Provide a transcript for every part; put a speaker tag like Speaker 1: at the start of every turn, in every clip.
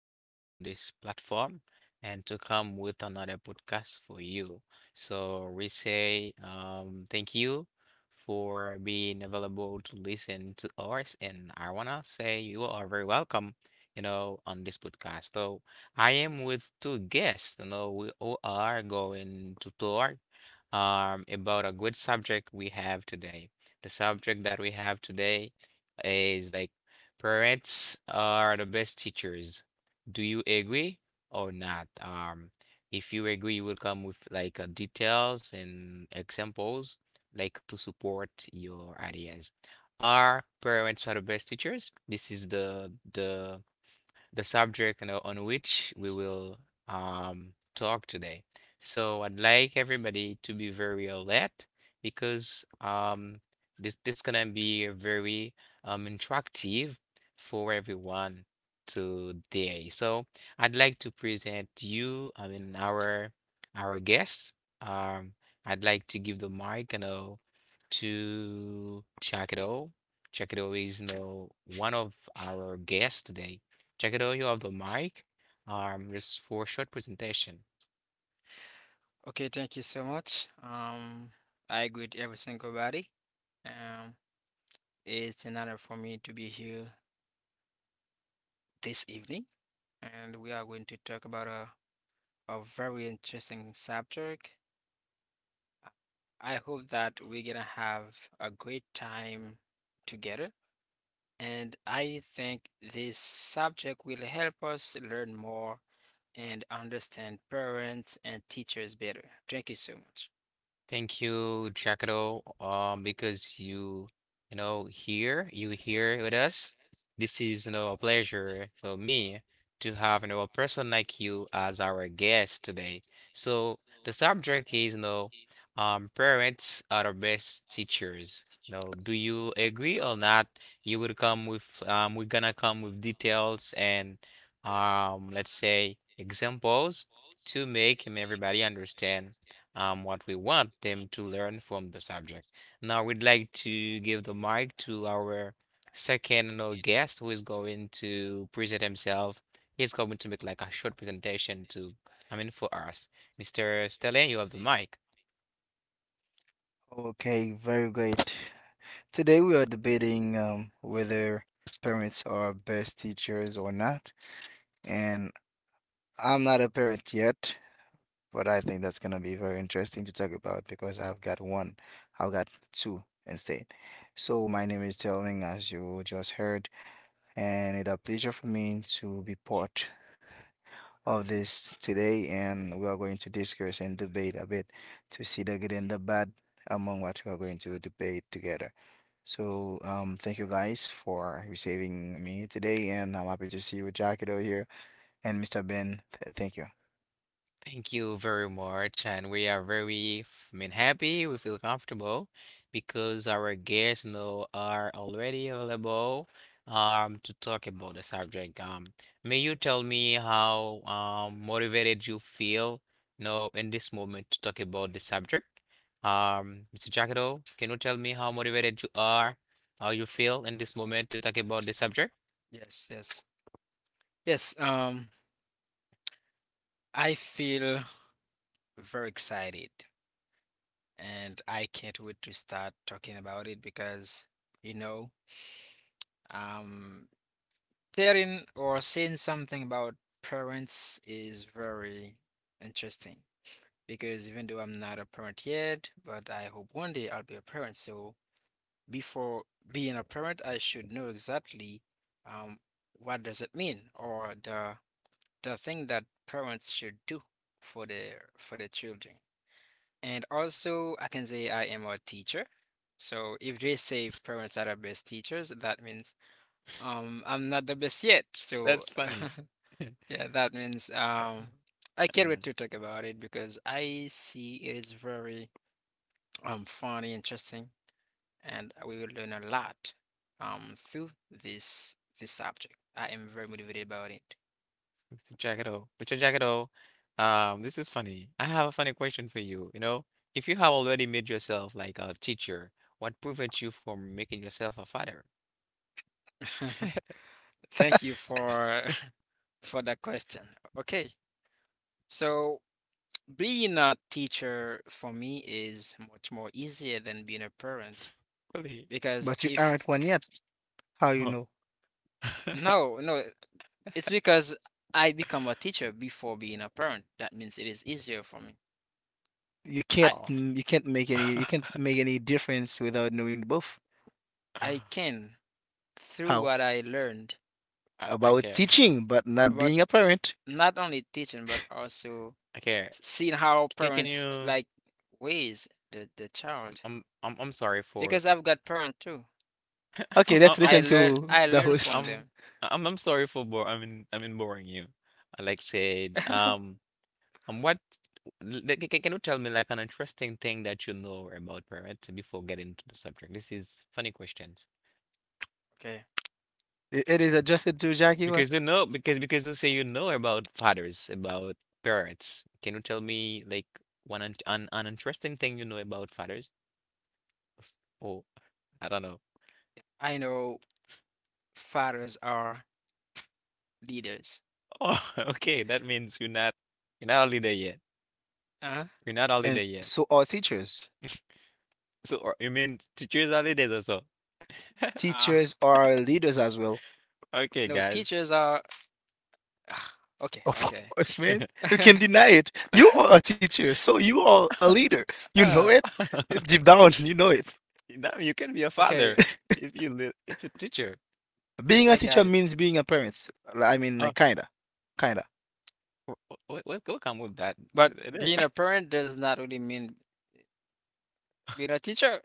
Speaker 1: you know, on this platform and to come with another podcast for you. So we say thank you for being available to listen to ours, and I wanna say you are very welcome, you know, on this podcast. So I am with two guests. You know, we all are going to talk about a good subject we have today. The subject that we have today is like parents are the best teachers. Do you agree or not? If you agree, you will come with like details and examples like to support your ideas. Are parents are the best teachers? This is the the subject, you know, on which we will talk today. So I'd like everybody to be very alert because this gonna be very interactive for everyone today. So I'd like to present you, I mean our guests. I'd like to give the mic, you know, to Chakiro. Chakiro is, you know, one of our guests today. Check it audio of the mic, just for short presentation.
Speaker 2: Okay, thank you so much. I agree with every single body. Um, it's an honor for me to be here this evening, and we are going to talk about a very interesting subject. I hope that we're gonna have a great time together, and I think this subject will help us learn more and understand parents and teachers better. Thank you so much.
Speaker 1: Thank you, Chakro, because you know, here, you here with us. This is, you know, a pleasure for me to have, you know, a person like you as our guest today. So the subject is, you know, parents are the best teachers. No, do you agree or not? You will come with, we're gonna come with details and, let's say examples to make everybody understand what we want them to learn from the subject. Now, we'd like to give the mic to our second, you know, guest who is going to present himself. He's going to make like a short presentation to, I mean, for us. Mr. Stelling, you have the mic.
Speaker 3: Okay, very great. Today we are debating whether parents are best teachers or not. And I'm not a parent yet, but I think that's gonna be very interesting to talk about because I've got one, I've got two instead. So my name is Telling, as you just heard, and it's a pleasure for me to be part of this today, and we are going to discuss and debate a bit to see the good and the bad among what we are going to debate together. So, thank you guys for receiving me today, and I'm happy to see you, Jackido here, and Mr. Ben. Thank you.
Speaker 1: Thank you very much, and we are very, I mean, happy. We feel comfortable because our guests, you know, are already available to talk about the subject. May you tell me how motivated you feel now in this moment to talk about the subject? Mr. Jacado, can you tell me how motivated you are, how you feel in this moment to talk about the subject?
Speaker 2: Yes, yes, yes. I feel very excited and I can't wait to start talking about it because, you know, um, hearing or saying something about parents is very interesting because even though I'm not a parent yet, but I hope one day I'll be a parent. So before being a parent, I should know exactly um, what does it mean or the thing that parents should do for their children. And also, I can say I am a teacher. So if they say parents are the best teachers, that means I'm not the best yet. So
Speaker 1: That's funny.
Speaker 2: yeah, that means
Speaker 1: Uh,
Speaker 2: I can't
Speaker 1: uh,
Speaker 2: wait to talk about it because I see it is very fun, interesting, and we will learn a lot through this subject. I am very motivated about it.
Speaker 1: Jackado, Mr. Jackado, this is funny. I have a funny question for you. You know, if you have already made yourself like a teacher, what prevents you from making yourself a father?
Speaker 2: Thank you for for that question. Okay, so. Being a teacher for me is much more easier than being a parent
Speaker 1: Really?
Speaker 2: because
Speaker 3: But you
Speaker 2: if
Speaker 3: aren't one yet. How you
Speaker 1: Oh.
Speaker 3: know?
Speaker 2: no, no, it's because I become a teacher before being a parent. That means it is easier for me. I
Speaker 1: Oh.
Speaker 3: You can't make any. You can't make any difference without knowing both.
Speaker 2: I can through
Speaker 3: How
Speaker 2: what I learned
Speaker 1: I
Speaker 3: about
Speaker 1: care.
Speaker 3: teaching, but not
Speaker 2: about
Speaker 3: being a parent?
Speaker 2: not only teaching but also
Speaker 1: I care.
Speaker 2: seeing how
Speaker 1: Can
Speaker 2: parents
Speaker 1: you?
Speaker 2: like ways the child
Speaker 1: I'm sorry for
Speaker 2: because I've got parents too.
Speaker 3: Okay,
Speaker 1: I'm I'm
Speaker 3: let's
Speaker 1: I'm
Speaker 3: listen to
Speaker 2: I
Speaker 3: the
Speaker 2: learn from
Speaker 3: host.
Speaker 1: I'm
Speaker 2: them.
Speaker 1: I'm sorry for bore. I mean, boring you. Like said, what? Like, can you tell me like an interesting thing that you know about parrot before getting to the subject? This is funny questions
Speaker 2: Okay,
Speaker 3: It is adjusted to Jackie.
Speaker 1: because you know, because you say you know about fathers, about parents. Can you tell me like an interesting thing you know about fathers? S- Oh, I don't know.
Speaker 2: I know fathers are leaders.
Speaker 1: Oh, okay, that means you're not. You're not only there yet.
Speaker 2: Uh-huh.
Speaker 1: You're not
Speaker 3: And
Speaker 1: holiday yet.
Speaker 3: so are teachers.
Speaker 1: So or you mean teachers holidays also?
Speaker 2: Uh,
Speaker 3: Teachers are leaders as well.
Speaker 1: Okay,
Speaker 2: no,
Speaker 1: guys.
Speaker 2: teachers are okay,
Speaker 3: Of
Speaker 2: okay.
Speaker 3: course, man. You can deny it. You are a teacher, so you are a leader. You know
Speaker 1: Uh,
Speaker 3: it. Deep down, you know it.
Speaker 1: Now you can be a father
Speaker 2: Okay,
Speaker 1: if you teacher.
Speaker 3: Being a
Speaker 2: I got
Speaker 3: teacher
Speaker 2: it.
Speaker 3: means being a parent. I mean,
Speaker 1: Oh,
Speaker 3: like, kinda.
Speaker 1: welcome with that
Speaker 2: But
Speaker 1: there.
Speaker 2: being a parent does not really mean being a teacher.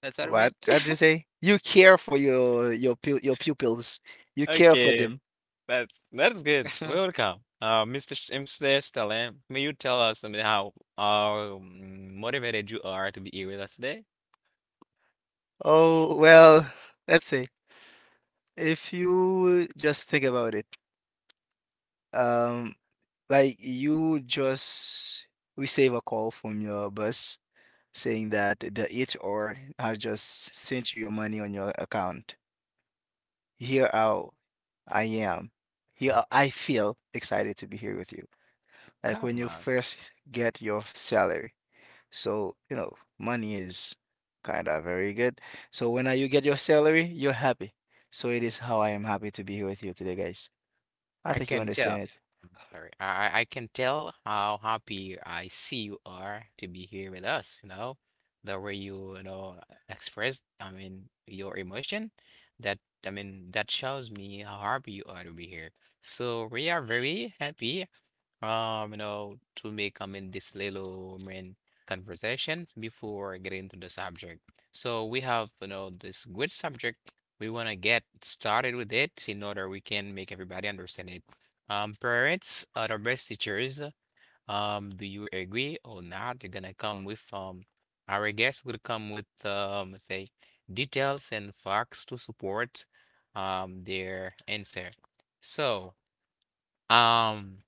Speaker 2: That's what I
Speaker 3: What?
Speaker 2: meant.
Speaker 3: What did you say? You care for your pu- your pupils. You care for
Speaker 1: Okay,
Speaker 3: them.
Speaker 1: that's good. Welcome, Mr. Stalin. May you tell us something how motivated you are to be here with us today?
Speaker 3: Oh well, let's say if you just think about it. Um, like you just receive a call from your boss saying that the HR has just sent you your money on your account. Here how I am. Here how I feel excited to be here with you. Like when
Speaker 1: Come
Speaker 3: you
Speaker 1: on,
Speaker 3: first get your salary. So, you know, money is kind of very good. So when you get your salary, you're happy. So it is how I am happy to be here with you today, guys. I
Speaker 1: I
Speaker 3: think you
Speaker 1: can
Speaker 3: understand
Speaker 1: tell.
Speaker 3: it.
Speaker 1: Very. I can tell how happy I see you are to be here with us, you know, the way you, you know, express, I mean, your emotion, that, I mean, that shows me how happy you are to be here. So we are very happy, you know, to make, I in this little, I mean, conversations before getting to the subject. So we have, you know, this good subject. We want to get started with it in order we can make everybody understand it. Parents are the best teachers. Do you agree or not? You're gonna come with, our guest will come with, say, details and facts to support, their answer. So, um.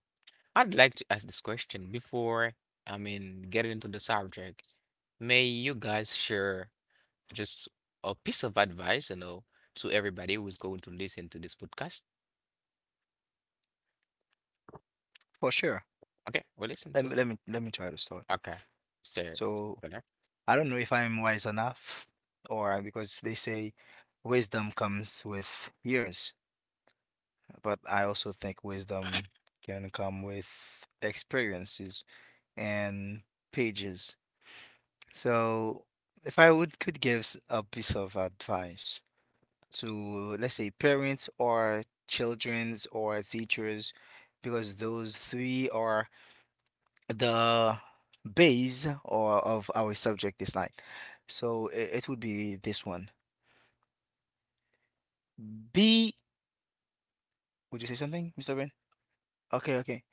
Speaker 1: I'd like to ask this question before, I mean, getting into the subject. May you guys share just a piece of advice, you know, to everybody who's going to listen to this podcast?
Speaker 3: For sure.
Speaker 1: Okay, we listen
Speaker 3: Let
Speaker 1: to.
Speaker 3: me let me let me try to start.
Speaker 1: Okay. So,
Speaker 3: So
Speaker 1: Connor,
Speaker 3: I don't know if I'm wise enough because they say wisdom comes with years, but I also think wisdom can come with experiences and pages. So, if I would could give s- a piece of advice to, let's say, parents or children's or teachers, because those three are the base or of our subject this night. So it would be this one. Be, would you say something, Mr. Ben? Okay, okay.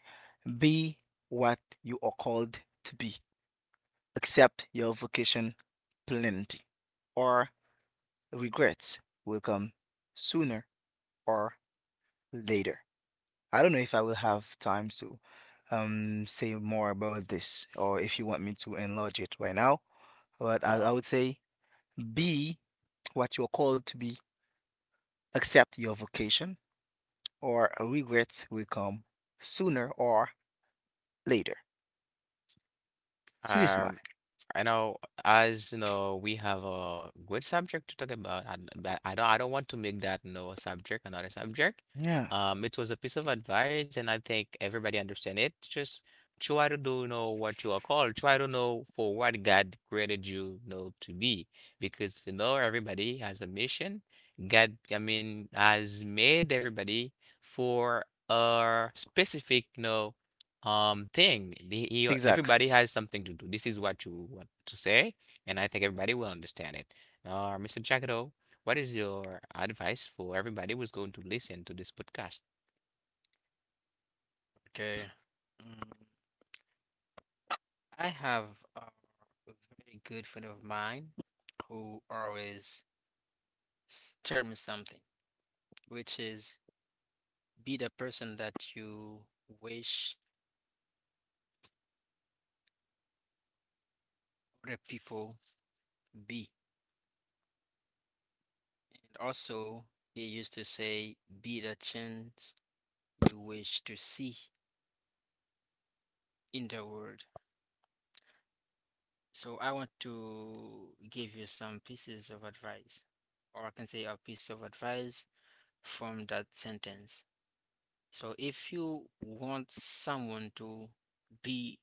Speaker 3: Be what you are called to be. Accept your vocation plenty. Or regrets will come sooner or later. I don't know if I will have time to say more about this or if you want me to enlarge it right now, but I,
Speaker 1: uh,
Speaker 3: I would say be what you're called to be, accept your vocation, or regrets will come sooner or later. Here is mine.
Speaker 1: um, I know, as you know, we have a good subject to talk about, and but I don't want to make that, you know, a subject, another subject.
Speaker 3: Yeah.
Speaker 1: It was a piece of advice, and I think everybody understand it. Just try to do know what you are called. Try to know for what God created you, you know, to be, because, you know, everybody has a mission. God, I mean, has made everybody for a specific, you know, thing.
Speaker 3: Exact.
Speaker 1: Everybody has something to do. This is what you want to say, and I think everybody will understand it. Mr. Jackado, what is your advice for everybody who's going to listen to this podcast?
Speaker 2: Okay. Mm, I have a very good friend of mine who always s- tell me something, which is be the person that you wish other people be. And also, he used to say, be the change you wish to see in the world. So I want to give you some pieces of advice, or I can say a piece of advice from that sentence. So if you want someone to be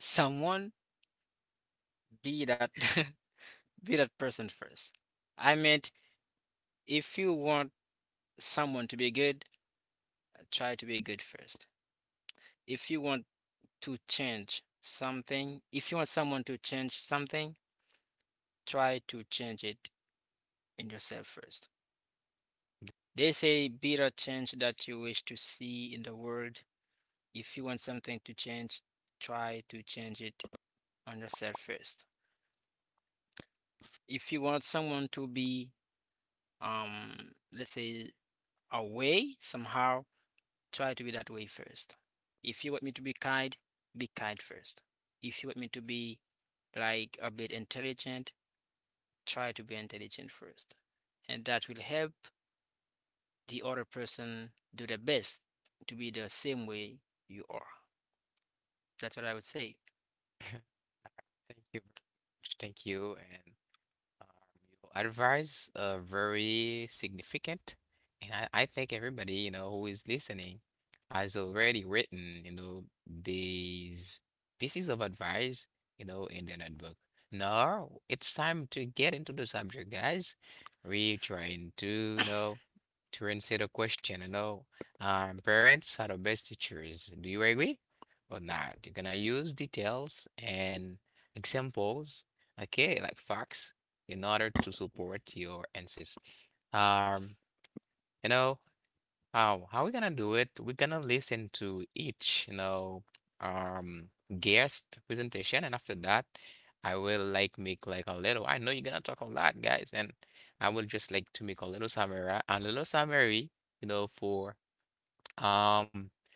Speaker 2: someone, be that be that person first. I meant if you want someone to be good, try to be good first. If you want to change something, if you want someone to change something, try to change it in yourself first. There's a bit of change that you wish to see in the world. If you want something to change, try to change it on yourself first. If you want someone to be, let's say, away somehow, try to be that way first. If you want me to be kind first. If you want me to be like a bit intelligent, try to be intelligent first. And that will help the other person do the best to be the same way you are. That's what I would say.
Speaker 1: Thank you very much. Thank you. And advice very significant, and I think everybody, you know, who is listening has already written, you know, these pieces of advice, you know, in the notebook. Now it's time to get into the subject, guys. We're trying to, you know, to answer the question, you know, parents are the best teachers. Do you agree or not? You're gonna use details and examples, okay, like facts in order to support your answers. Um, you know, how we gonna do it? We're gonna listen to each, you know, um guest presentation, and after that I will like make like a little, I know you're gonna talk a lot, guys, and I will just like to make a little summary, you know, for um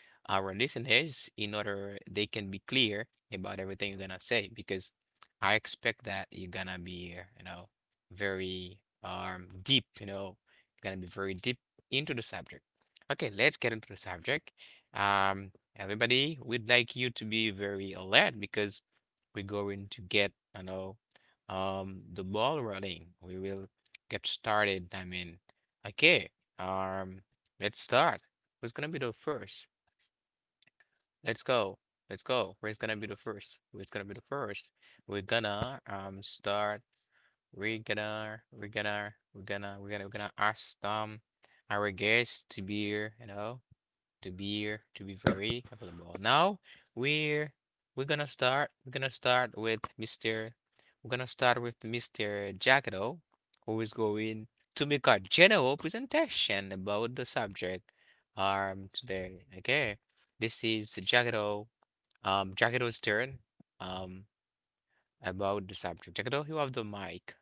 Speaker 1: our listeners in order they can be clear about everything you're gonna say because I expect that you're gonna be you know, very deep, you know, you're gonna be very deep into the subject. Okay, let's get into the subject. um Everybody, we'd like you to be very alert because we're going to get, you know, the ball rolling. We will get started, I mean. Okay. um let's start. Who's gonna be the first? Let's go. Let's go. Who's gonna be the first? Who's gonna be the first? We're gonna start. We're gonna we're gonna we're gonna we're gonna we're gonna ask our guests to be here, you know, to be very available. Now we're we're gonna start. We're gonna start with Mr. We're gonna start with Mr. Jackado, who is going to make a general presentation about the subject today. Okay, this is Jackado. Jackado's turn. Um, about the subject. Jackado, you have the mic.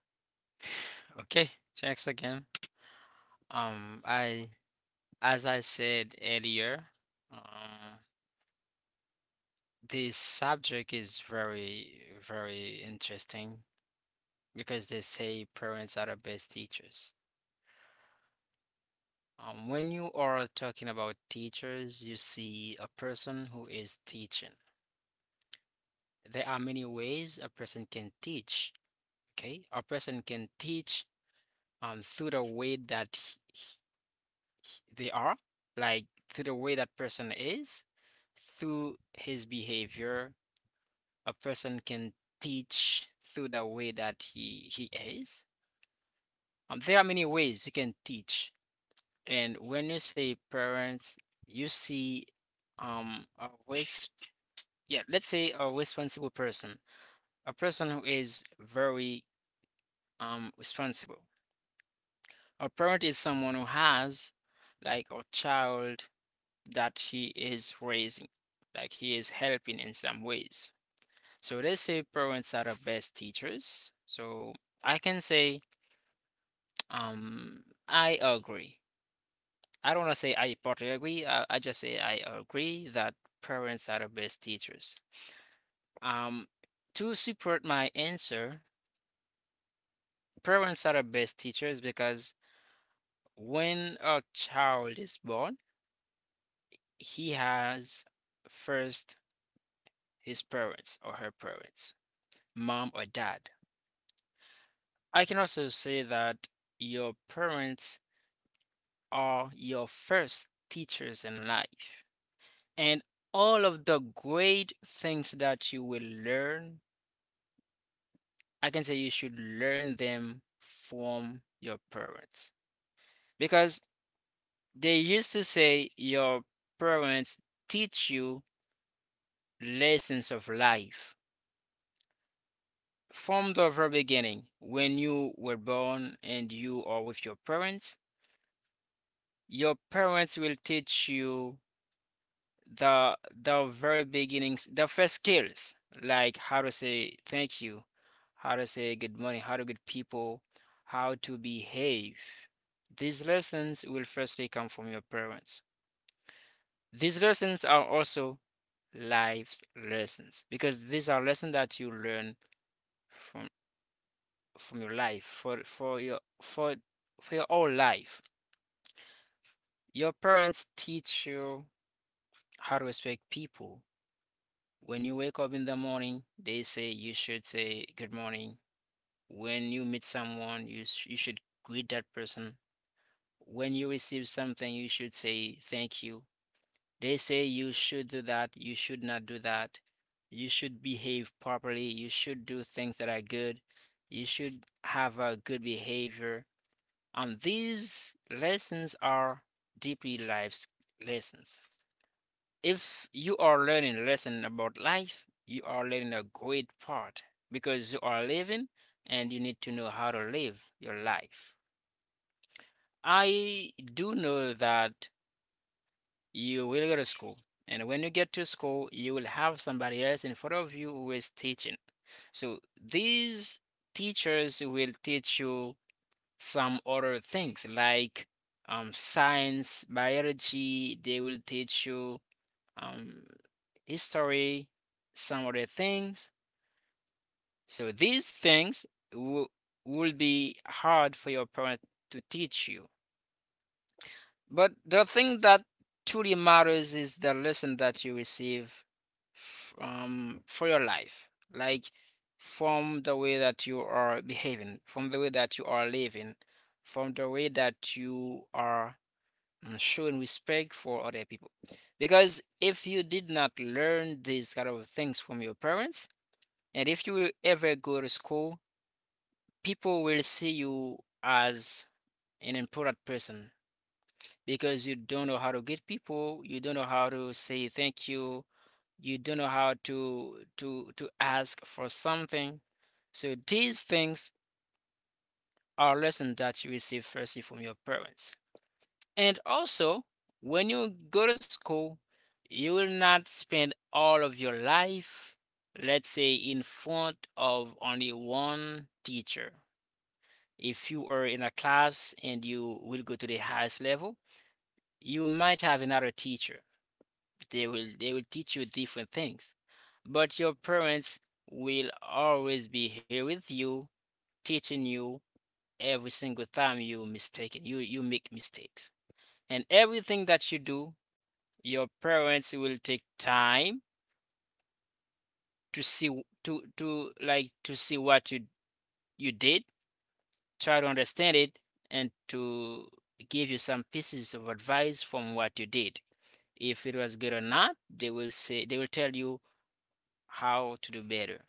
Speaker 2: Okay, thanks again. I as I said earlier, um, this subject is very interesting because they say parents are the best teachers. When you are talking about teachers, you see a person who is teaching. There are many ways a person can teach. Okay, a person can teach through the way that they are, like through the way that person is, through his behavior, a person can teach through the way that he is. There are many ways you can teach, and when you say parents, you see um a res- yeah, let's say a responsible person, a person who is very responsible. A parent is someone who has like a child that he is raising, like he is helping in some ways. So let's say parents are the best teachers. So I can say, um, I agree. I don't want to say I partly agree. I just say I agree that parents are the best teachers. Um, to support my answer, parents are the best teachers because when a child is born, he has first his parents or her parents, mom or dad. I can also say that your parents are your first teachers in life. And all of the great things that you will learn, I can say you should learn them from your parents. Because they used to say your parents teach you lessons of life. From the very beginning, when you were born and you are with your parents will teach you the very beginnings, the first skills, like how to say thank you, how to say good morning, how to greet people, how to behave. These lessons will firstly come from your parents. These lessons are also life lessons because these are lessons that you learn from from your life for your whole life. Your parents teach you how to respect people. When you wake up in the morning, they say you should say good morning. When you meet someone, you should greet that person. When you receive something, you should say thank you. They say you should do that, you should not do that. You should behave properly, you should do things that are good, you should have a good behavior. These lessons are deeply life lessons. If you are learning a lesson about life, you are learning a great part because you are living and you need to know how to live your life. I do know that you will go to school, and when you get to school, you will have somebody else in front of you who is teaching. So these teachers will teach you some other things like science, biology, they will teach you um, history, some other things. So these things will, will be hard for your parent to teach you. But the thing that truly matters is the lesson that you receive from for your life, like from the way that you are behaving, from the way that you are living, from the way that you are and showing respect for other people. Because if you did not learn these kind of things from your parents, and if you will ever go to school, people will see you as an important person because you don't know how to get people, you don't know how to say thank you, you don't know how to ask for something. So these things are lessons that you receive firstly from your parents. And also, when you go to school, you will not spend all of your life, let's say, in front of only one teacher. If you are in a class and you will go to the highest level, you might have another teacher. They will teach you different things. But your parents will always be here with you, teaching you every single time you mistaken. You make mistakes. And everything that you do, your parents will take time to see to see what you did, try to understand it, and to give you some pieces of advice from what you did. If it was good or not, they will tell you how to do better.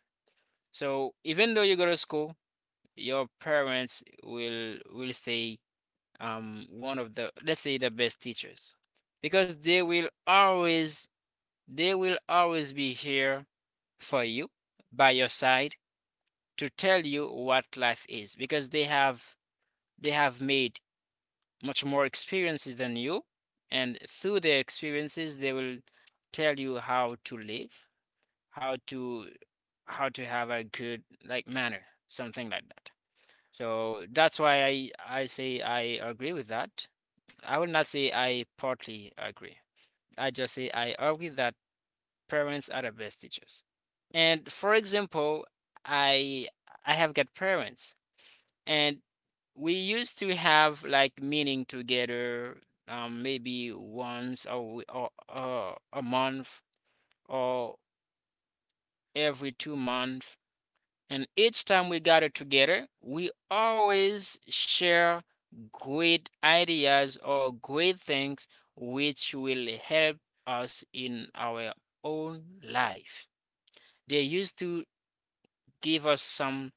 Speaker 2: So even though you go to school, your parents will stay one of the, let's say, the best teachers because they will always be here for you, by your side, to tell you what life is because they have made much more experiences than you, and through their experiences, they will tell you how to live, how to how to have a good like manner, something like that. So that's why I say I agree with that. I will not say I partly agree. I just say I agree that parents are the best teachers. And for example, I I have got parents and we used to have like meeting together maybe once a w- or a month or every 2 months, and each time we gather together we always share great ideas or great things which will help us in our own life. They used to give us some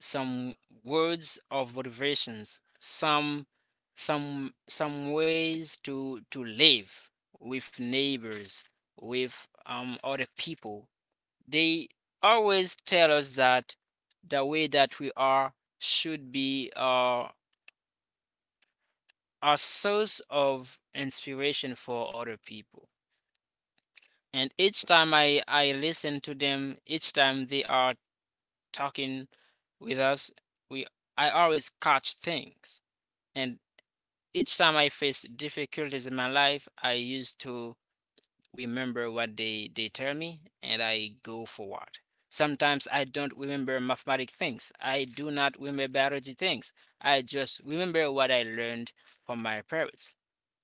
Speaker 2: some words of motivations, some ways to live with neighbors, with other people. They always tell us that the way that we are should be a source of inspiration for other people. And each time I listen to them, each time they are talking with us, we I always catch things. And each time I face difficulties in my life, I used to remember what they tell me and I go forward. Sometimes I don't remember mathematic things. I do not remember biology things. I just remember what I learned from my parents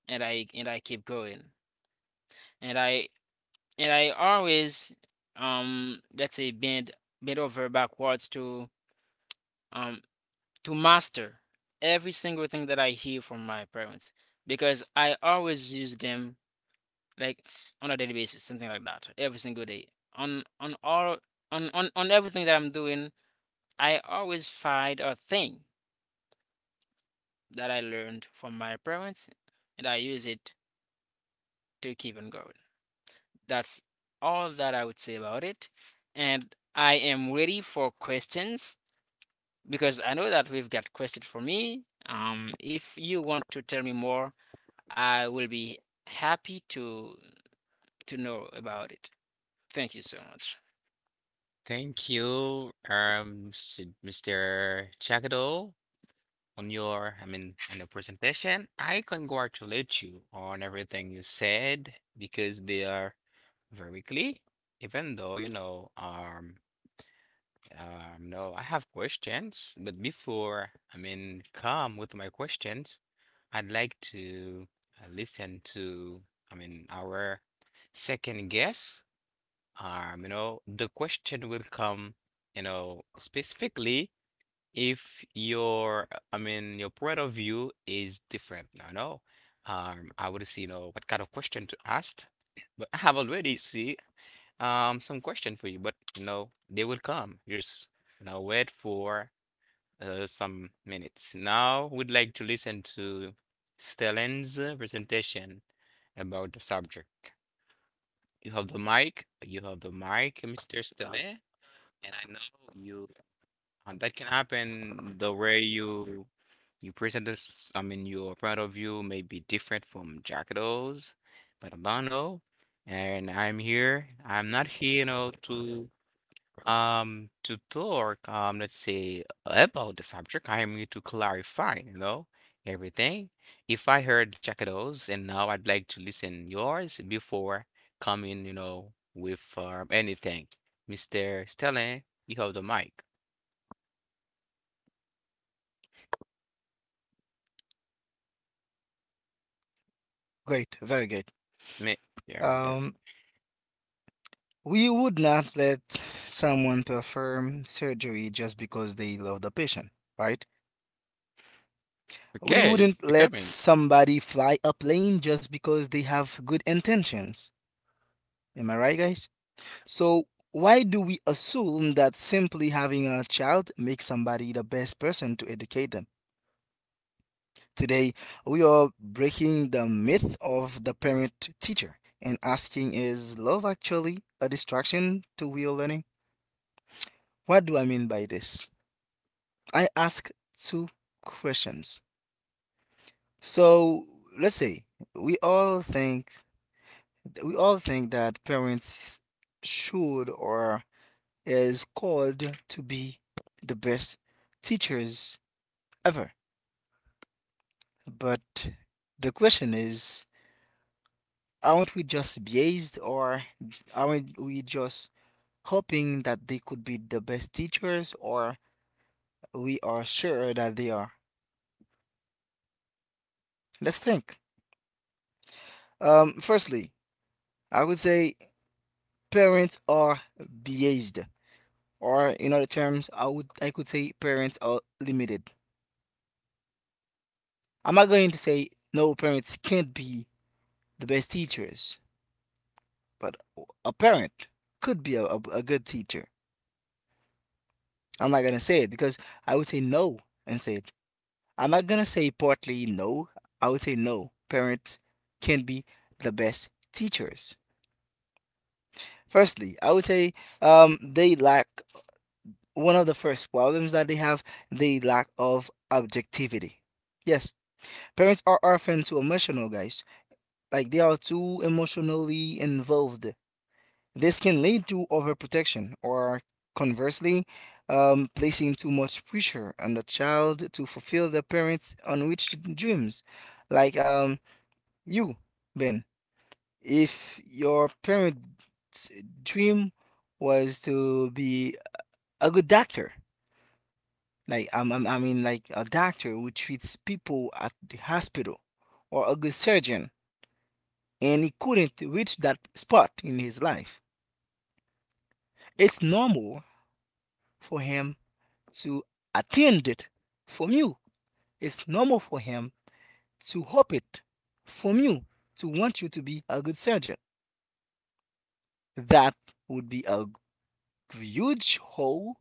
Speaker 2: and I keep going. And I and I always let's say bend over backwards um to master every single thing that I hear from my parents because I always use them, like, on a daily basis, something like that, every single day. On all on everything that I'm doing, I always find a thing that I learned from my parents and I use it to keep on going. That's all that I would say about it. And I am ready for questions because I know that we've got questions for me. If you want to tell me more, I will be happy to know about it. Thank you so much.
Speaker 1: Thank you, Mr. Jackado, on your, I mean, on your presentation. I congratulate you on everything you said because they are very clear. Even though, you know, no, I have questions, but before, I mean, come with my questions, I'd like to listen to, I mean, our second guess. You know, the question will come, you know, specifically if your, I mean, your point of view is different, I know. I would see, you know, what kind of question to ask, but I have already see some question for you, but you know, they will come. Just, you know, wait for some minutes. Now we'd like to listen to Stellan's presentation about the subject. You have the mic, Mr. Stellan, and I know you and that can happen the way you you present this, I mean, your point of view may be different from Jackalo's, but I don't know. And I'm here. I'm not here, you know, to talk, let's say about the subject. I am here to clarify, you know, everything. If I heard Jackalo's and now I'd like to listen yours before coming, you know, with anything. Mr. Stelling, you have the mic.
Speaker 3: Great. Very good.
Speaker 1: Mi- Yeah.
Speaker 3: Um We would not let someone perform surgery just because they love the patient, right? We
Speaker 1: Okay,
Speaker 3: wouldn't
Speaker 1: you are
Speaker 3: let
Speaker 1: coming.
Speaker 3: somebody fly a plane just because they have good intentions. Am I right, guys? So, why do we assume that simply having a child makes somebody the best person to educate them? Today, we are breaking the myth of the parent teacher and asking, is love actually a distraction to real learning? What do I mean by this? I ask two questions. So let's say we all think we all think that parents should or is called to be the best teachers ever. But the question is, aren't we just biased, or aren't we just hoping that they could be the best teachers, or we are sure that they are? Let's think. Firstly, I would say parents are biased, or in other terms, I could say parents are limited. I'm not going to say no, parents can't be the best teachers, but a parent could be a good teacher. I'm not gonna say it because I would say no and say it. I'm not gonna say partly no. I would say no. Parents can be the best teachers. Firstly, I would say they lack one of the first problems that they have, the lack of objectivity. Yes, parents are often too emotional, guys. Like, they are too emotionally involved. This can lead to overprotection or, conversely, placing too much pressure on the child to fulfill the parents' unreached dreams. like um, you, Ben, if your parents' dream was to be a good doctor. Like, I mean like a doctor who treats people at the hospital or a good surgeon, and he couldn't reach that spot in his life. It's normal for him to attend it from you. It's normal for him to hope it from you, to want you to be a good surgeon. That would be a huge hole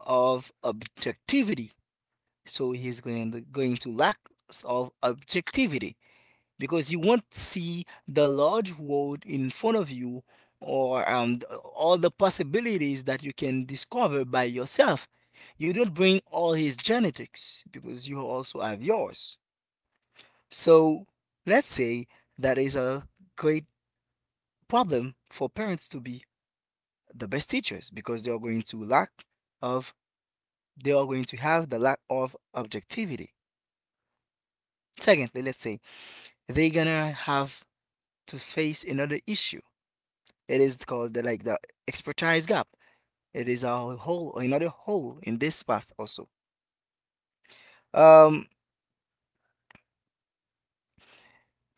Speaker 3: of objectivity. So he's going to lack of objectivity, because you won't see the large world in front of you or all the possibilities that you can discover by yourself. You don't bring all his genetics because you also have yours. So let's say that is a great problem for parents to be the best teachers, because of they are going to have the lack of objectivity. Secondly, let's say they're gonna have to face another issue. It is called like the expertise gap. It is a hole or another hole in this path also. Um,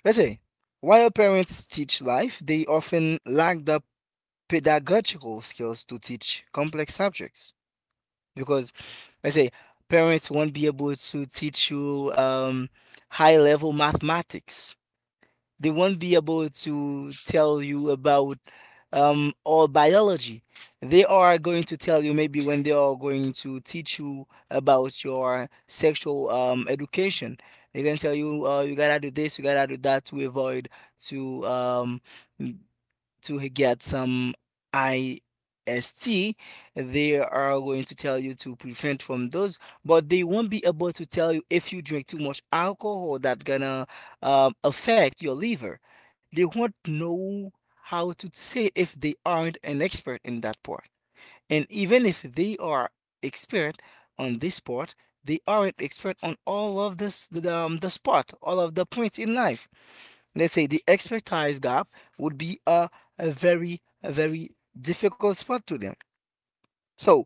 Speaker 3: let's say, while parents teach life, they often lack the pedagogical skills to teach complex subjects, because, let's say, parents won't be able to teach you high level mathematics. They won't be able to tell you about all biology. They are going to tell you maybe when they are going to teach you about your sexual education. They can tell you you gotta do this, you gotta do that, to avoid to um, to get some IST, they are going to tell you to prevent from those, but they won't be able to tell you if you drink too much alcohol that gonna affect your liver. They won't know how to say it if they aren't an expert in that part. And even if they are expert on this part, they aren't expert on all of the spot, all of the points in life. Let's say the expertise gap would be a very difficult spot to them. So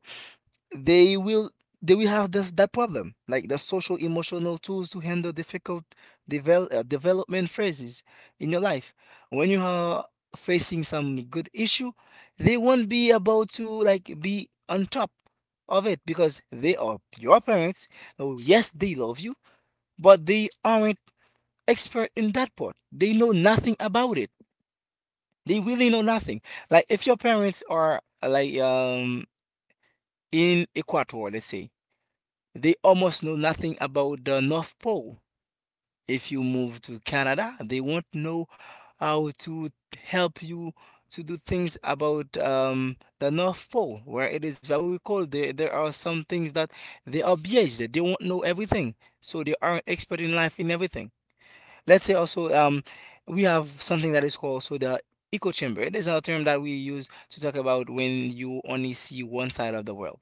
Speaker 3: they will they will have that problem, like the social emotional tools to handle difficult development phases in your life. When you are facing some good issue, they won't be able to like be on top of it because they are your parents. Oh, yes, they love you, but they aren't expert in that part, they know nothing about it. They really know nothing. Like, if your parents are in Ecuador, let's say, they almost know nothing about the North Pole. If you move to Canada, they won't know how to help you to do things about the North Pole, where it is very cold. There are some things that they are biased. They won't know everything. So they aren't expert in life in everything. Let's say also we have something that is called also the echo chamber. It is a term that we use to talk about when you only see one side of the world.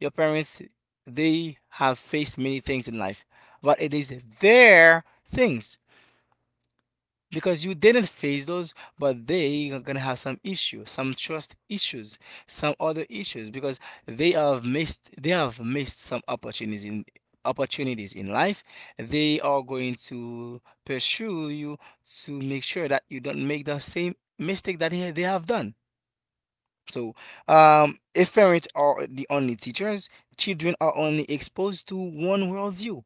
Speaker 3: Your parents, they have faced many things in life, but it is their things, because you didn't face those, but they are gonna have some issue, some trust issues, some other issues, because they have missed some opportunities in life. They are going to pursue you to make sure that you don't make the same mistake that they have done. So, if parents are the only teachers, children are only exposed to one worldview,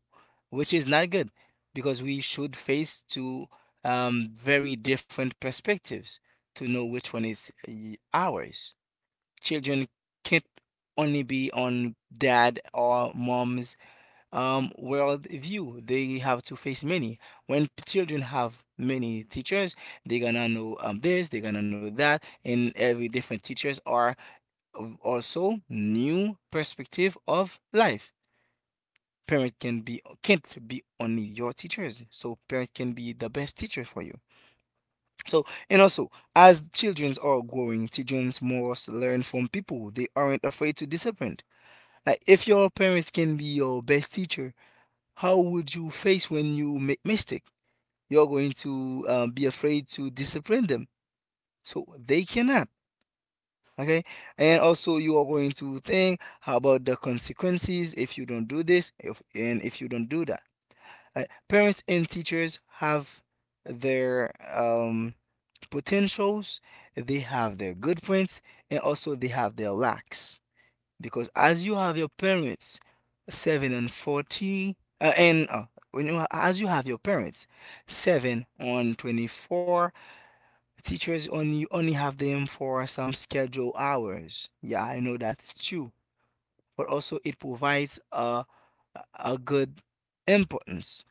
Speaker 3: which is not good, because we should face two very different perspectives to know which one is ours. Children can't only be on dad or mom's worldview. They have to face many. When children have many teachers, they're gonna know this, they're gonna know that, and every different teachers are of also new perspective of life. Parent can be can't be only your teachers, so parent can be the best teacher for you. So, and also, as children are growing, children must learn from people. They aren't afraid to disappoint. Like, if your parents can be your best teacher, how would you face when you make mistake? You're going to be afraid to discipline them. So they cannot. Okay, and also you are going to think about the consequences if you don't do this if and if you don't do that. Parents and teachers have their potentials, they have their good points, and also they have their lacks because as you have your parents 7 and 40, and when you, as you have your parents 7 on 24. Teachers only have them for some scheduled hours. Yeah, I know that's true, but also it provides a good importance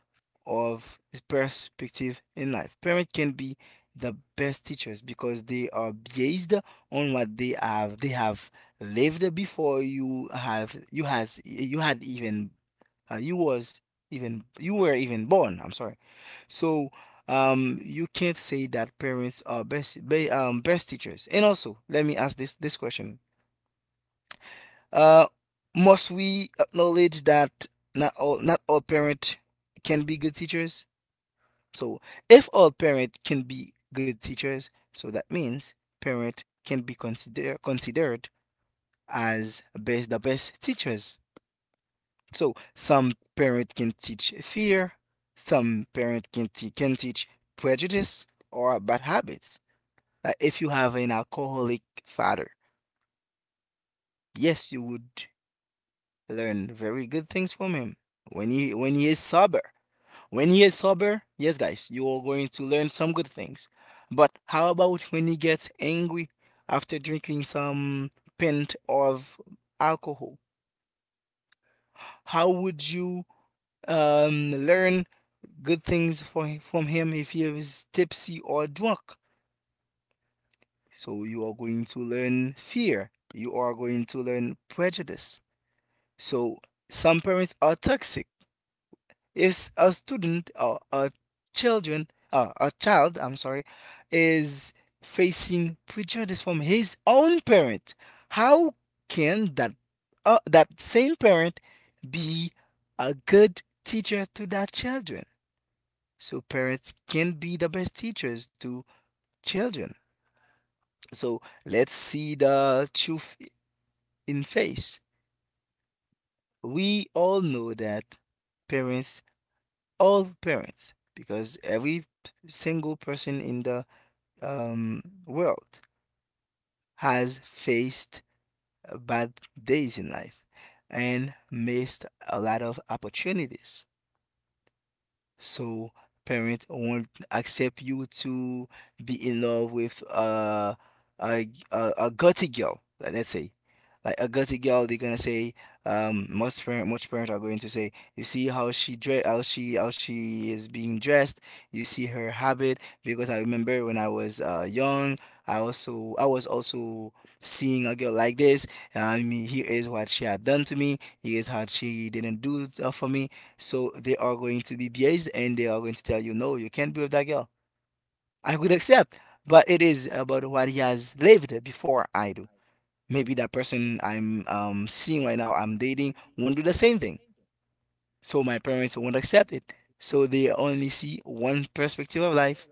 Speaker 3: of perspective in life. Parents can be the best teachers because they are based on what they have lived before you have you has you had even you was even you were even born. I'm sorry. So you can't say that parents are best teachers. And also let me ask this question. uh, must we acknowledge that not all parents can be good teachers? So if all parents can be good teachers, so that means parent can be considered as the best teachers. So some parent can teach fear, some parent can can teach prejudice or bad habits. Like if you have an alcoholic father, yes, you would learn very good things from him. When he is sober, when he is sober, yes, guys, you are going to learn some good things. But how about when he gets angry after drinking some pint of alcohol? How would you learn good things from him if he is tipsy or drunk? So you are going to learn fear. You are going to learn prejudice. So some parents are toxic. If a student or a children child, I'm sorry, is facing prejudice from his own parent, how can that same parent be a good teacher to that children? So parents can be the best teachers to children. So let's see the truth in face. We all know that parents all parents, because every single person in the world has faced bad days in life and missed a lot of opportunities. So parent won't accept you to be in love with a a gutsy girl. Let's say, like a gutsy girl, they're gonna say, most parents are going to say, you see how she dre, how she is being dressed. You see her habit. Because I remember when I was young, I was also seeing a girl like this. And I mean, here is what she had done to me. Here's what she didn't do for me. So they are going to be biased and they are going to tell you, no, you can't be with that girl. I could accept, but it is about what he has lived before I do. Maybe that person I'm seeing right now, I'm dating, won't do the same thing. So my parents won't accept it. So they only see one perspective of life.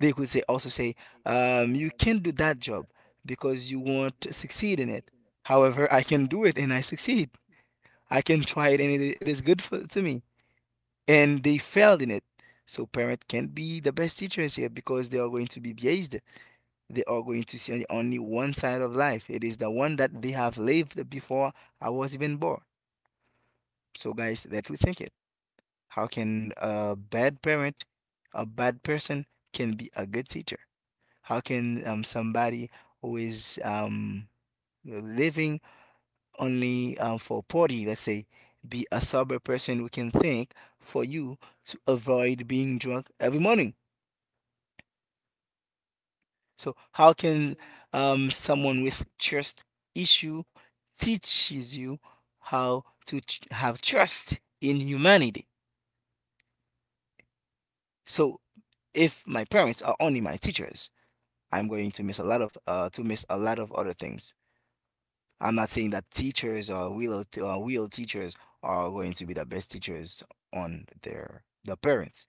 Speaker 3: They could say also say, you can't do that job because you won't succeed in it. However, I can do it and I succeed. I can try it and it is good to me. And they failed in it. So parent can't be the best teachers here because they are going to be biased. They are going to see only one side of life. It is the one that they have lived before I was even born. So guys, let we think it. How can a bad parent, a bad person, can be a good teacher? How can somebody who is living only for party, let's say, be a sober person who can think for you to avoid being drunk every morning? So how can someone with trust issue teaches you how to have trust in humanity? So if my parents are only my teachers, I'm going to miss a lot of other things. I'm not saying that teachers or real teachers are going to be the best teachers on their the parents,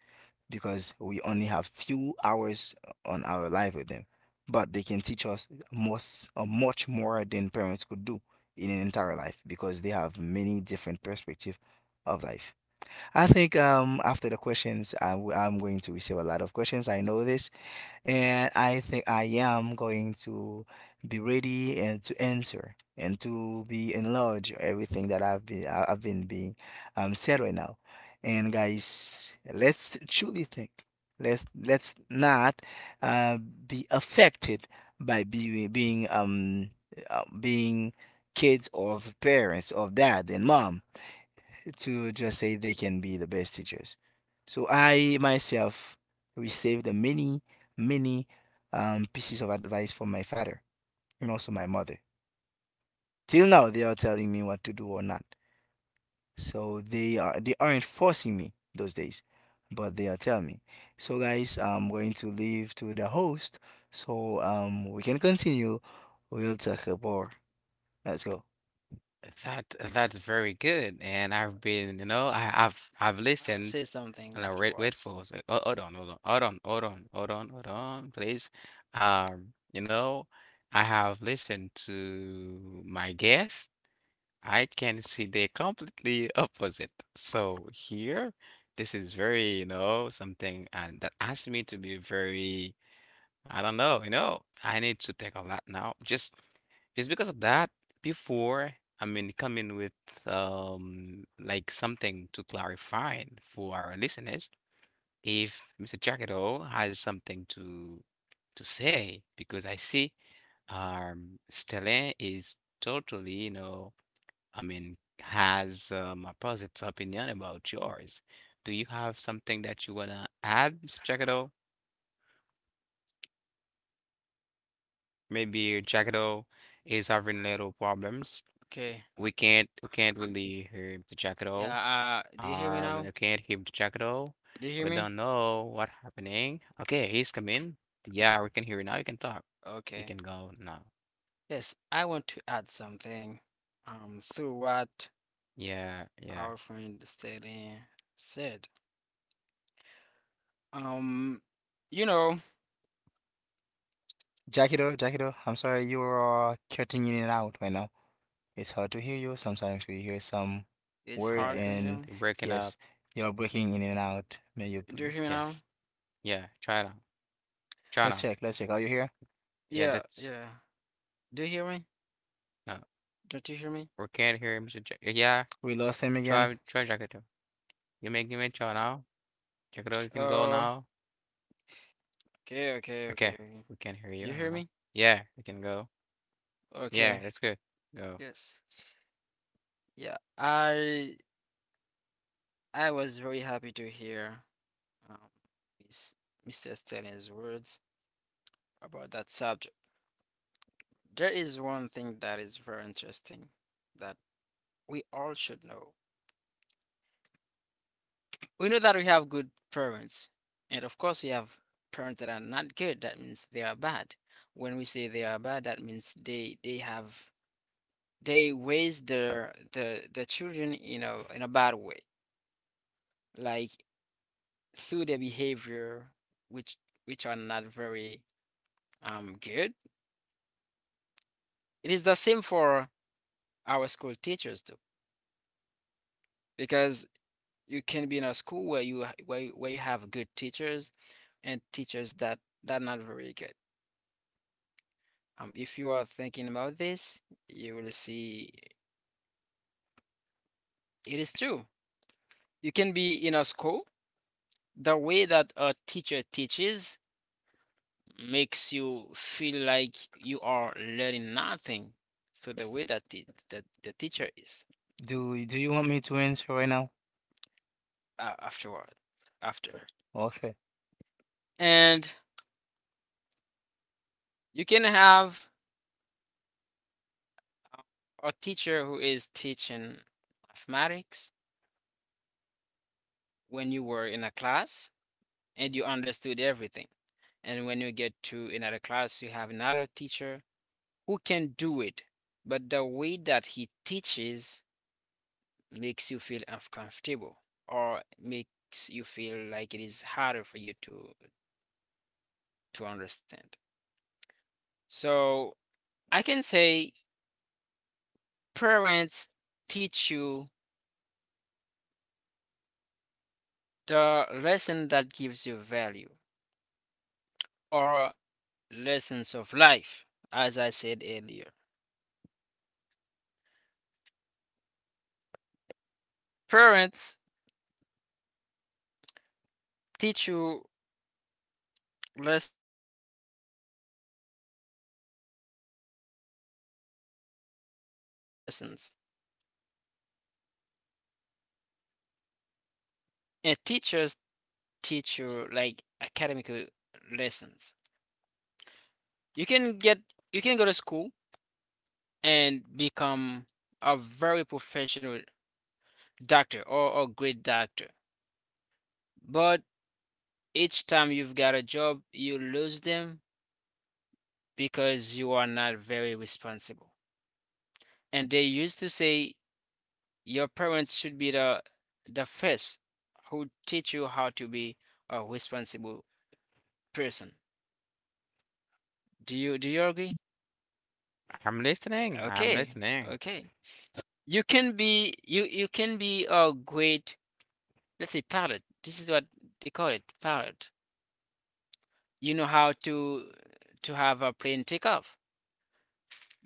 Speaker 3: because we only have few hours on our life with them. But they can teach us most or much more than parents could do in an entire life because they have many different perspective of life. I think after the questions, I'm going to receive a lot of questions. I know this, and I think I am going to be ready and to answer and to be enlarge everything that I've been being said right now. And guys, let's truly think. Let's not be affected by being kids of parents of dad and mom to just say they can be the best teachers. So I myself received many, many pieces of advice from my father and also my mother. Till now, they are telling me what to do or not. So they aren't forcing me those days, but they are telling me. So guys, I'm going to leave to the host, so we can continue. We'll talk more. Let's go.
Speaker 1: That that's very good, and I've been, you know, I've
Speaker 2: I will say
Speaker 1: listened,
Speaker 2: something
Speaker 1: and I wait
Speaker 2: afterwards.
Speaker 1: for us. Oh, hold on, hold on, hold on, hold on, hold on, hold on, please. You know, I have listened to my guests. I can see they're completely opposite. So here, this is very, you know, something and that asked me to be very I don't know, you know, I need to think of that now. Just because of that, before I mean coming with like something to clarify for our listeners, if Mr. Jackedo has something to say, because I see Stellan is totally, has a positive opinion about yours. Do you have something that you wanna add, Mr. Jackedo? Or maybe Jackdo is having little problems.
Speaker 2: Okay.
Speaker 1: We can't really hear the Jackdo.
Speaker 2: Yeah, do you hear me
Speaker 1: We
Speaker 2: now?
Speaker 1: can't hear the Jackdo.
Speaker 2: Do you
Speaker 1: We
Speaker 2: hear me?
Speaker 1: don't know what happening. Okay, he's coming. Yeah, we can hear you now. You can talk. You can
Speaker 2: Okay.
Speaker 1: go now.
Speaker 2: Yes, I want to add something through what
Speaker 1: Yeah, yeah,
Speaker 2: our friend Steady said. Um you know,
Speaker 3: Jackido, Jackido, I'm sorry you are cutting in and out right now. It's hard to hear you. Sometimes we hear some
Speaker 2: it's
Speaker 3: words.
Speaker 1: yeah.
Speaker 2: hard to
Speaker 3: And
Speaker 2: hear.
Speaker 1: You're breaking up.
Speaker 3: yes, you're breaking in and out. May you
Speaker 2: Do you
Speaker 3: pl-.
Speaker 2: hear me
Speaker 1: Yeah,
Speaker 2: now?
Speaker 1: yeah. Try now. Try
Speaker 3: Let's
Speaker 1: now.
Speaker 3: check, let's check. Are you here?
Speaker 1: Yeah,
Speaker 2: Yeah,
Speaker 1: that's
Speaker 2: yeah. Do you hear me?
Speaker 1: no.
Speaker 2: Don't you hear me?
Speaker 1: We can't hear him. So yeah,
Speaker 3: We lost him again.
Speaker 1: try Jackdo. You make try now. Jackdo, you can go
Speaker 2: Oh,
Speaker 1: now.
Speaker 2: okay, okay,
Speaker 1: Okay,
Speaker 2: okay. okay.
Speaker 1: we can hear you.
Speaker 2: You hear me?
Speaker 1: Yeah, we can go. Yeah,
Speaker 2: Okay.
Speaker 1: that's good. Go.
Speaker 2: Yes. Yeah, I was very happy to hear um, Miss, Mr. Stanley's words about that subject. There is one thing that is very interesting that we all should know. We know that we have good parents, and of course we have parents that are not good. That means they are bad. When we say they are bad, that means they raise the children in a bad way, like through their behavior, which which are not very I'm good. It is the same for our school teachers too, because you can be in a school where you ha- where you have good teachers and teachers that that not very good. If you are thinking about this, you will see it is true. You can be in a school. The way that a teacher teaches makes you feel like you are learning nothing through the way that the teacher is
Speaker 3: Do do you want me to answer right now?
Speaker 2: afterward after.
Speaker 3: Okay.
Speaker 2: And you can have uh, a teacher who is teaching mathematics when you were in a class and you understood everything. And when you get to another class, you have another teacher who can do it, but the way that he teaches makes you feel uncomfortable or makes you feel like it is harder for you to understand. So I can say parents teach you the lesson that gives you value or lessons of life, as I said earlier. Parents teach you lessons that would value. I can say personally, personal lessons. And teachers teach you like academic lessons. You can get you can go to school and become a very professional doctor or a great doctor. But each time you've got a job, you lose them because you are not very responsible. And they used to say your parents should be the first who teach you how to be a responsible person. Do you agree?
Speaker 1: I'm listening. I'm
Speaker 2: Okay,
Speaker 1: listening.
Speaker 2: okay. You you can be a great, let's say, pilot. This is what they call it, pilot. You know how to have a plane take off,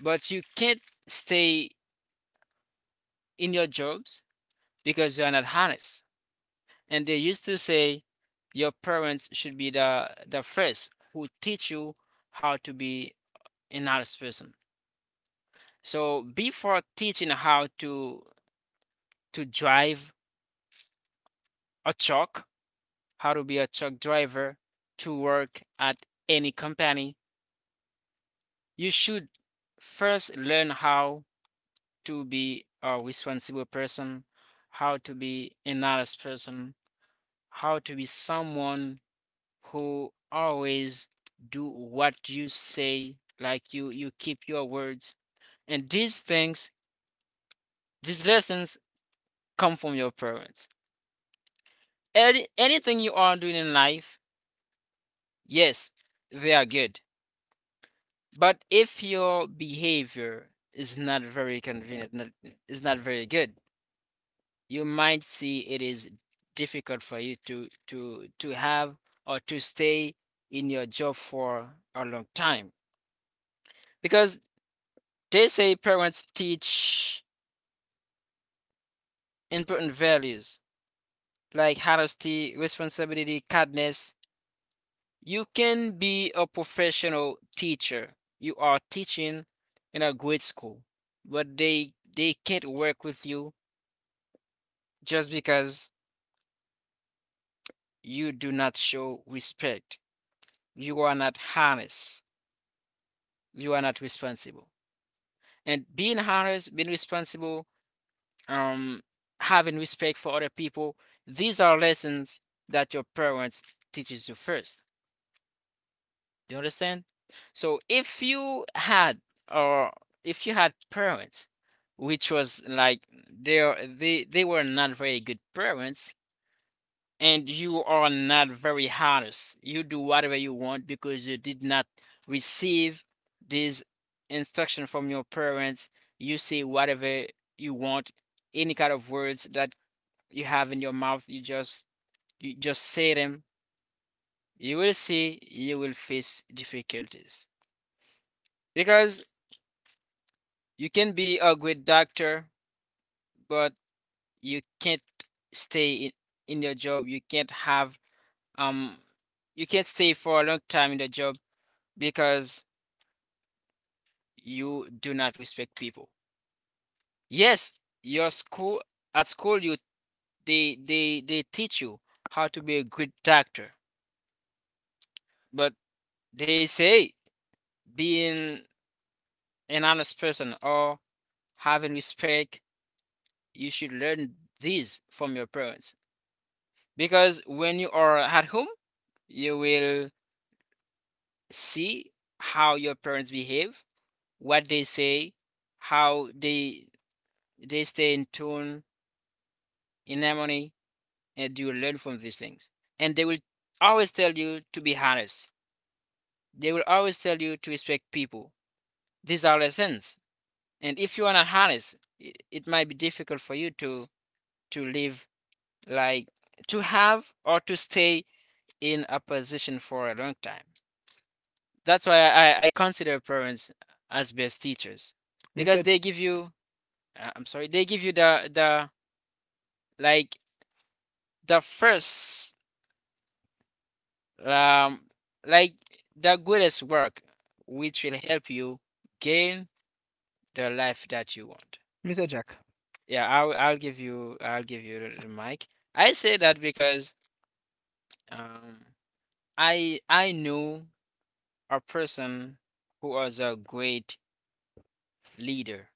Speaker 2: but you can't stay in your jobs because you are not harnessed. And they used to say your parents should be the first who teach you how to be an honest person. So before teaching how to drive a truck, how to be a truck driver, to work at any company, you should first learn how to be a responsible person, how to be an honest person, how to be someone who always do what you say, like you keep your words. And these things, these lessons come from your parents. Any, anything you are doing in life, yes, they are good. But if your behavior is not very convenient, not, is not very good, you might see it is difficult for you to have or to stay in your job for a long time, because they say parents teach important values like honesty, responsibility, kindness. You can be a professional teacher. You are teaching in a great school, but they can't work with you just because you do not show respect. You are not honest. You are not responsible. And being honest, being responsible, um, having respect for other people. These are lessons that your parents teaches you first. Do you understand? So if you had or if you had parents which was like they were not very good parents and you are not very honest. You do whatever you want because you did not receive this instruction from your parents. You say whatever you want, any kind of words that you have in your mouth, you just say them, you will see you will face difficulties. Because you can be a great doctor, but you can't stay in your job. You can't have um you can't stay for a long time in the job because you do not respect people. Yes, your school at school you they teach you how to be a good doctor, but they say being an honest person or having respect, you should learn these from your parents. Because when you are at home, you will see how your parents behave, what they say, how they stay in tune, in harmony, and you will learn from these things. And they will always tell you to be honest. They will always tell you to respect people. These are lessons. And if you are not honest, it might be difficult for you to live, like, to have or to stay in a position for a long time. That's why I consider parents as best teachers because
Speaker 3: Mr.
Speaker 2: they give you, I'm sorry, they give you the, like, the first, um, like, the greatest work, which will help you gain the life that you want.
Speaker 3: Mr. Jack,
Speaker 2: Yeah, I'll give you the mic. I say that because, um, I knew a person who was a great leader.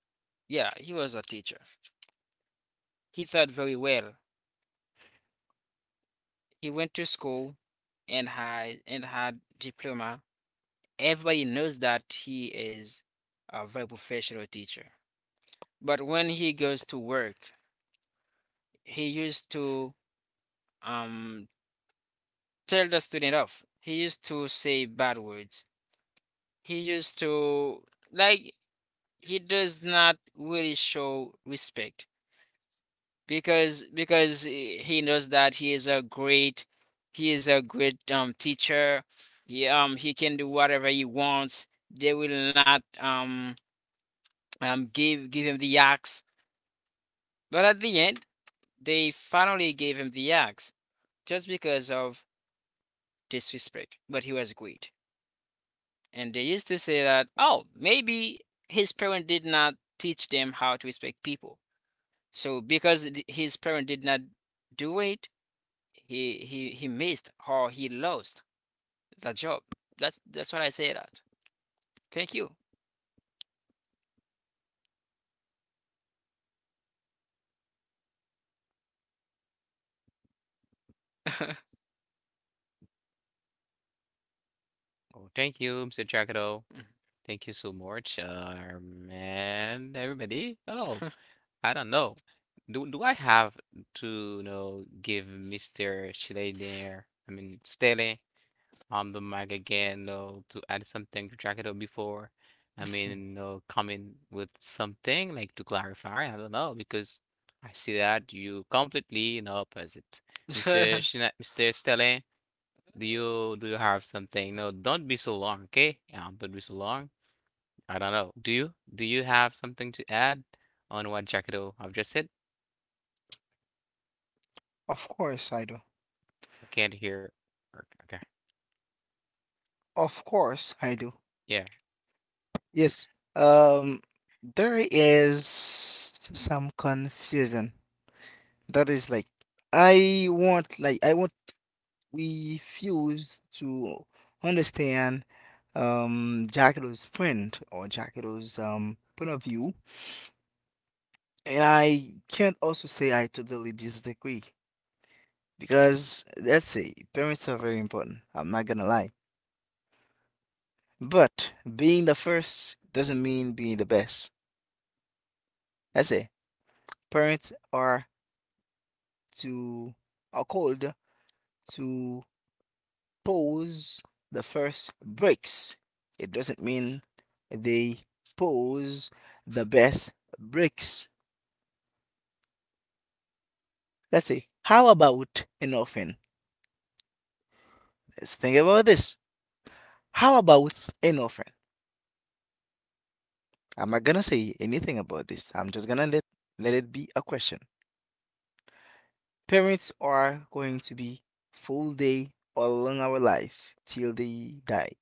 Speaker 2: Yeah, he was a teacher. He taught very well. He went to school and had diploma. Everybody knows that he is a very professional teacher. But when he goes to work, he used to um tell the student off. He used to say bad words. He used to, like, he does not really show respect because he knows that he is a great he is a great teacher. He he can do whatever he wants. They will not give him the axe. But at the end, they finally gave him the axe just because of disrespect, but he was great. And they used to say that, oh, maybe his parent did not teach them how to respect people. So because his parent did not do it, he missed or he lost the job. That's what I say that. Thank you.
Speaker 1: Oh, thank you, Mr. Chakado. Thank you so much, man. Everybody. Oh, I don't know. Do I have to, give Mr. there. I mean, Staley? The mic again, you to add something to check it out before. Coming with something like to clarify. I don't know because I see that you completely in opposite, Mr. Shina, Mr. Stelling. Do you have something? No, don't be so long, okay? Yeah, don't be so long. I don't know. Do you have something to add on what Jackado I've just said?
Speaker 3: of course I do.
Speaker 1: I can't hear. Okay. Okay.
Speaker 3: Of course I do.
Speaker 1: Yeah.
Speaker 3: Yes. Um there is some confusion. That is like I want we refuse to understand Jackalo's print or Jackalo's point of view. And I can't also say I totally disagree because let's say parents are very important. I'm not gonna lie. But being the first doesn't mean being the best. That's say parents are to are called to pose the first bricks. It doesn't mean they pose the best bricks. Let's say, how about an orphan? Let's think about this. How about an orphan? I'm not gonna say anything about this. I'm just gonna let, let it be a question. Parents are going to be full day all along our life till they die.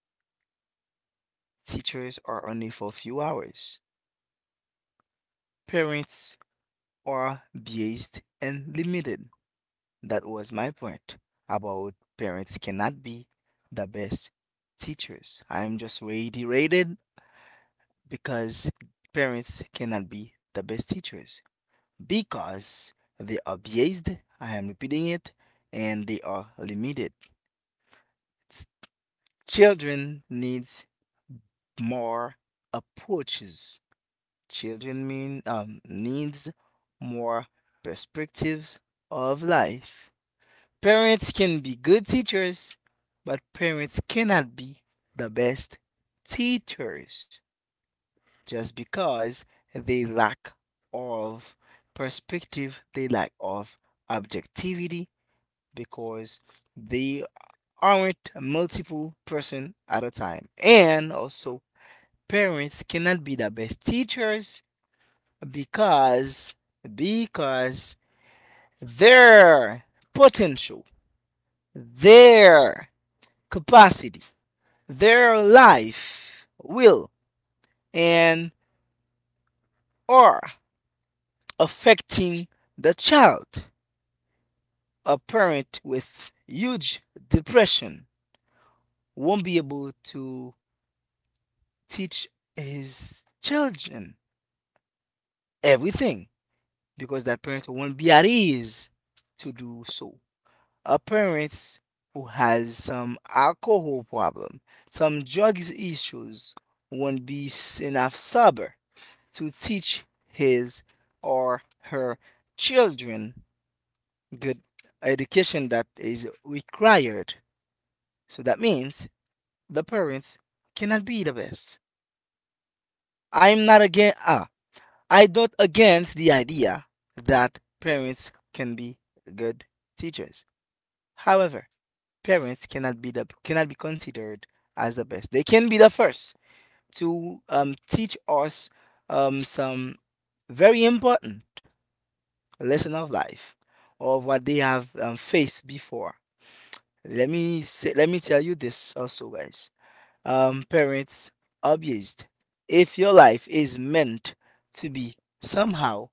Speaker 3: Teachers are only for a few hours. Parents are biased and limited. That was my point about parents cannot be the best teachers. I am just reiterated because parents cannot be the best teachers because they are biased. I am repeating it, and they are limited. Children needs more approaches. Children mean needs more perspectives of life. Parents can be good teachers, but parents cannot be the best teachers just because they lack of perspective, they lack of objectivity because they aren't multiple person at a time. And also parents cannot be the best teachers because because their potential, their capacity, their life, will, and or affecting the child. A parent with huge depression won't be able to teach his children everything because that parent won't be at ease to do so. A parent who has some alcohol problem, some drugs issues, won't be enough sober to teach his or her children good education that is required. So that means the parents cannot be the best. I'm not against I don't against the idea that parents can be good teachers. However, parents cannot be considered as the best. They can be the first to teach us some very important lesson of life of what they have faced before. Let me say, let me tell you this also, guys. Parents abused. If your life is meant to be somehow,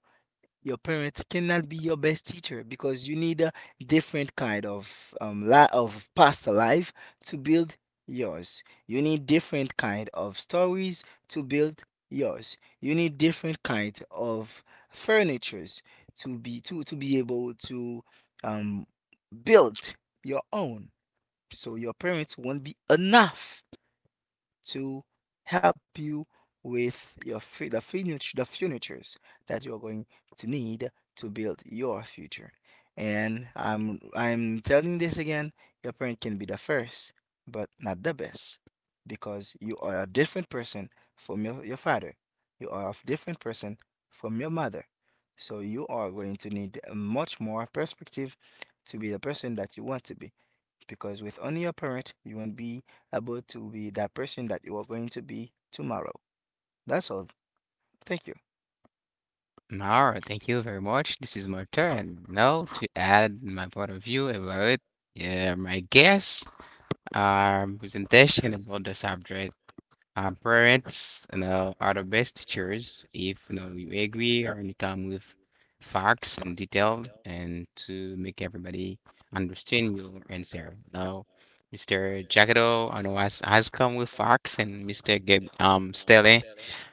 Speaker 3: your parents cannot be your best teacher because you need a different kind of of past life to build yours. You need different kind of stories to build yours. You need different kind of furnitures to be able to um build your own. So your parents won't be enough to help you with your fu- the furniture the furnitures that you're going to need to build your future. And I'm telling this again, your parent can be the first, but not the best, because you are a different person from your father. You are a different person from your mother. So you are going to need much more perspective to be the person that you want to be because with only your parent, you won't be able to be that person that you are going to be tomorrow. That's all. Thank you.
Speaker 1: Mauro, thank you very much. This is my turn now to add my point of view about my guest presentation about the subject. Parents, are the best teachers if you agree or you come with facts and detail and to make everybody understand your answer. Now, Mr. Jagado, I know has come with facts, and Mr. Gab, Stele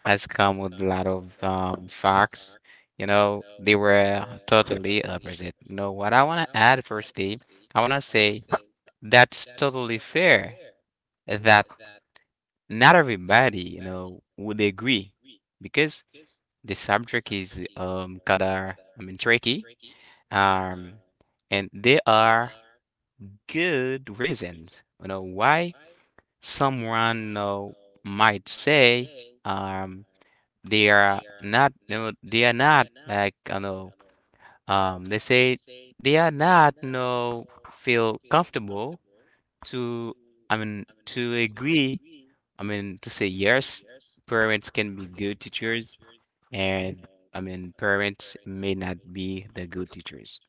Speaker 1: has come with a lot of facts. You know, they were totally opposite. You know, what I want to add firstly, I want to say that's totally fair that not everybody, would agree because the subject is kind of, I mean, tricky. Um, and there are good reasons, why someone, might say, um, they are not, they are not like, they say they are not, no, feel comfortable to, I mean, to agree, I mean, to say yes. Parents can be good teachers, and I mean, parents may not be the good teachers.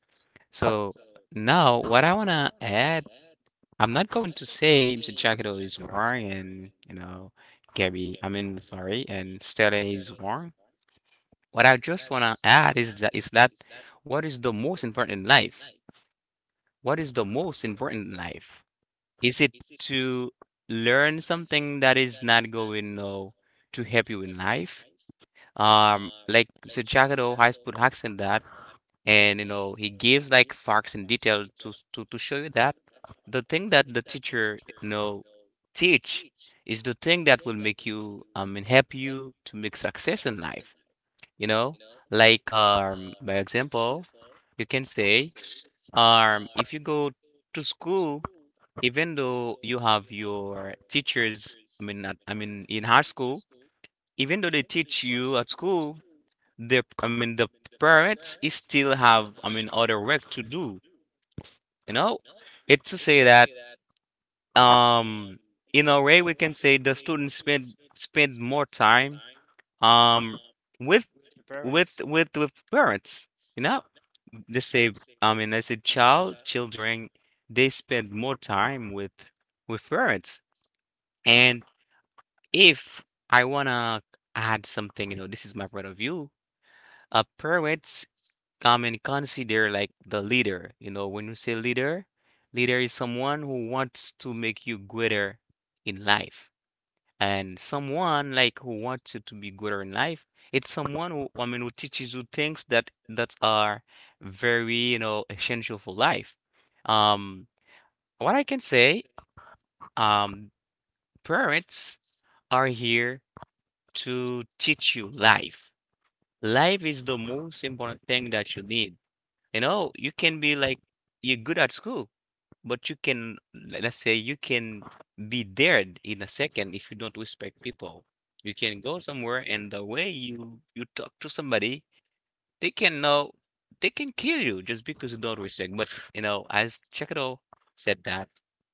Speaker 1: So now, what I wanna add, I'm not going to say Mr. Jackito is wrong and, Gabby, I mean, sorry, and Stella is wrong. What I just want to add is that what is the most important in life? What is the most important in life? Is it to learn something that is not going to help you in life? Like Mr. Jagado has put accent that, and you know he gives like facts and detail to show you that the thing that the teacher teach is the thing that will make you and help you to make success in life, you know? Like, by example, you can say, if you go to school, even though you have your teachers, I mean, not, I mean, in high school, even though they teach you at school, the, I mean, the parents is still have, I mean, other work to do, you know? It's to say that, um, in a way, we can say the students spend more time um with with parents, you know. They say, I mean, as a child, children, they spend more time with parents. And if I wanna add something, you know, this is my point of view. Parents come and consider like the leader. You know, when you say leader, leader is someone who wants to make you greater in life and someone like who wants you to be good in life, it's someone who, I mean, who teaches you things that are very, essential for life. Um, what I can say, um, parents are here to teach you life. Life is the most important thing that you need. You know, you can be like you're good at school, but you can, let's say, you can be there in a second if you don't respect people. You can go somewhere, and the way you talk to somebody, they can know, they can kill you just because you don't respect. But you know, as Chekado said that,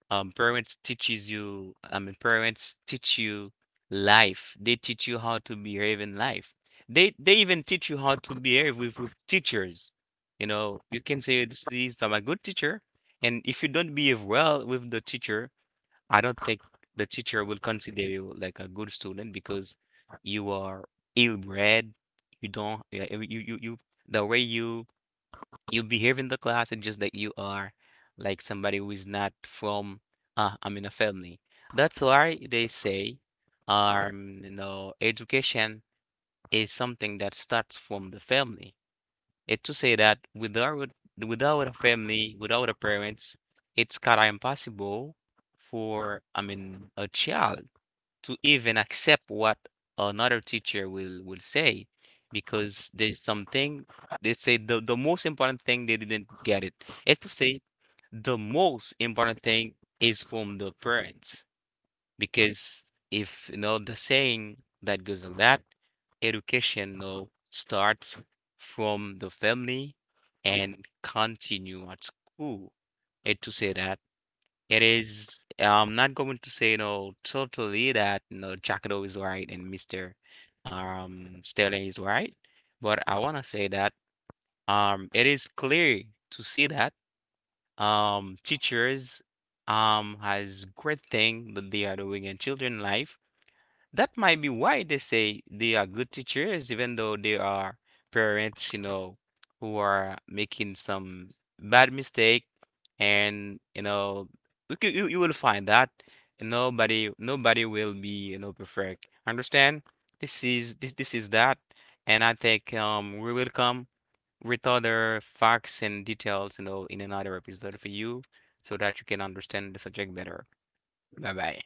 Speaker 1: parents teaches you. I mean, parents teach you life. They teach you how to behave in life. They even teach you how to behave with teachers. You know, you can say this is I'm a good teacher, and if you don't behave well with the teacher, I don't think the teacher will consider you like a good student because you are ill-bred. You don't, yeah, the way you behave in the class, it's just that you are like somebody who is not from, I mean, a family. That's why they say, you know, education is something that starts from the family. It to say that without a family, without a parents, it's kind of impossible for, I mean, a child to even accept what another teacher will say because there's something they say the most important thing they didn't get it. It to say the most important thing is from the parents because if you know the saying that goes on that education, you know, starts from the family and continue at school. It to say that it is, I'm not going to say, you know, totally that, you know, Jackado is right and Mr. Sterling is right, but I want to say that it is clear to see that teachers has great thing that they are doing in children life, that might be why they say they are good teachers, even though there are parents, you know, who are making some bad mistake, and you know, you, you will find that nobody will be, you know, perfect. Understand? This is this is that, and I think we will come with other facts and details, you know, in another episode for you, so that you can understand the subject better. Bye bye.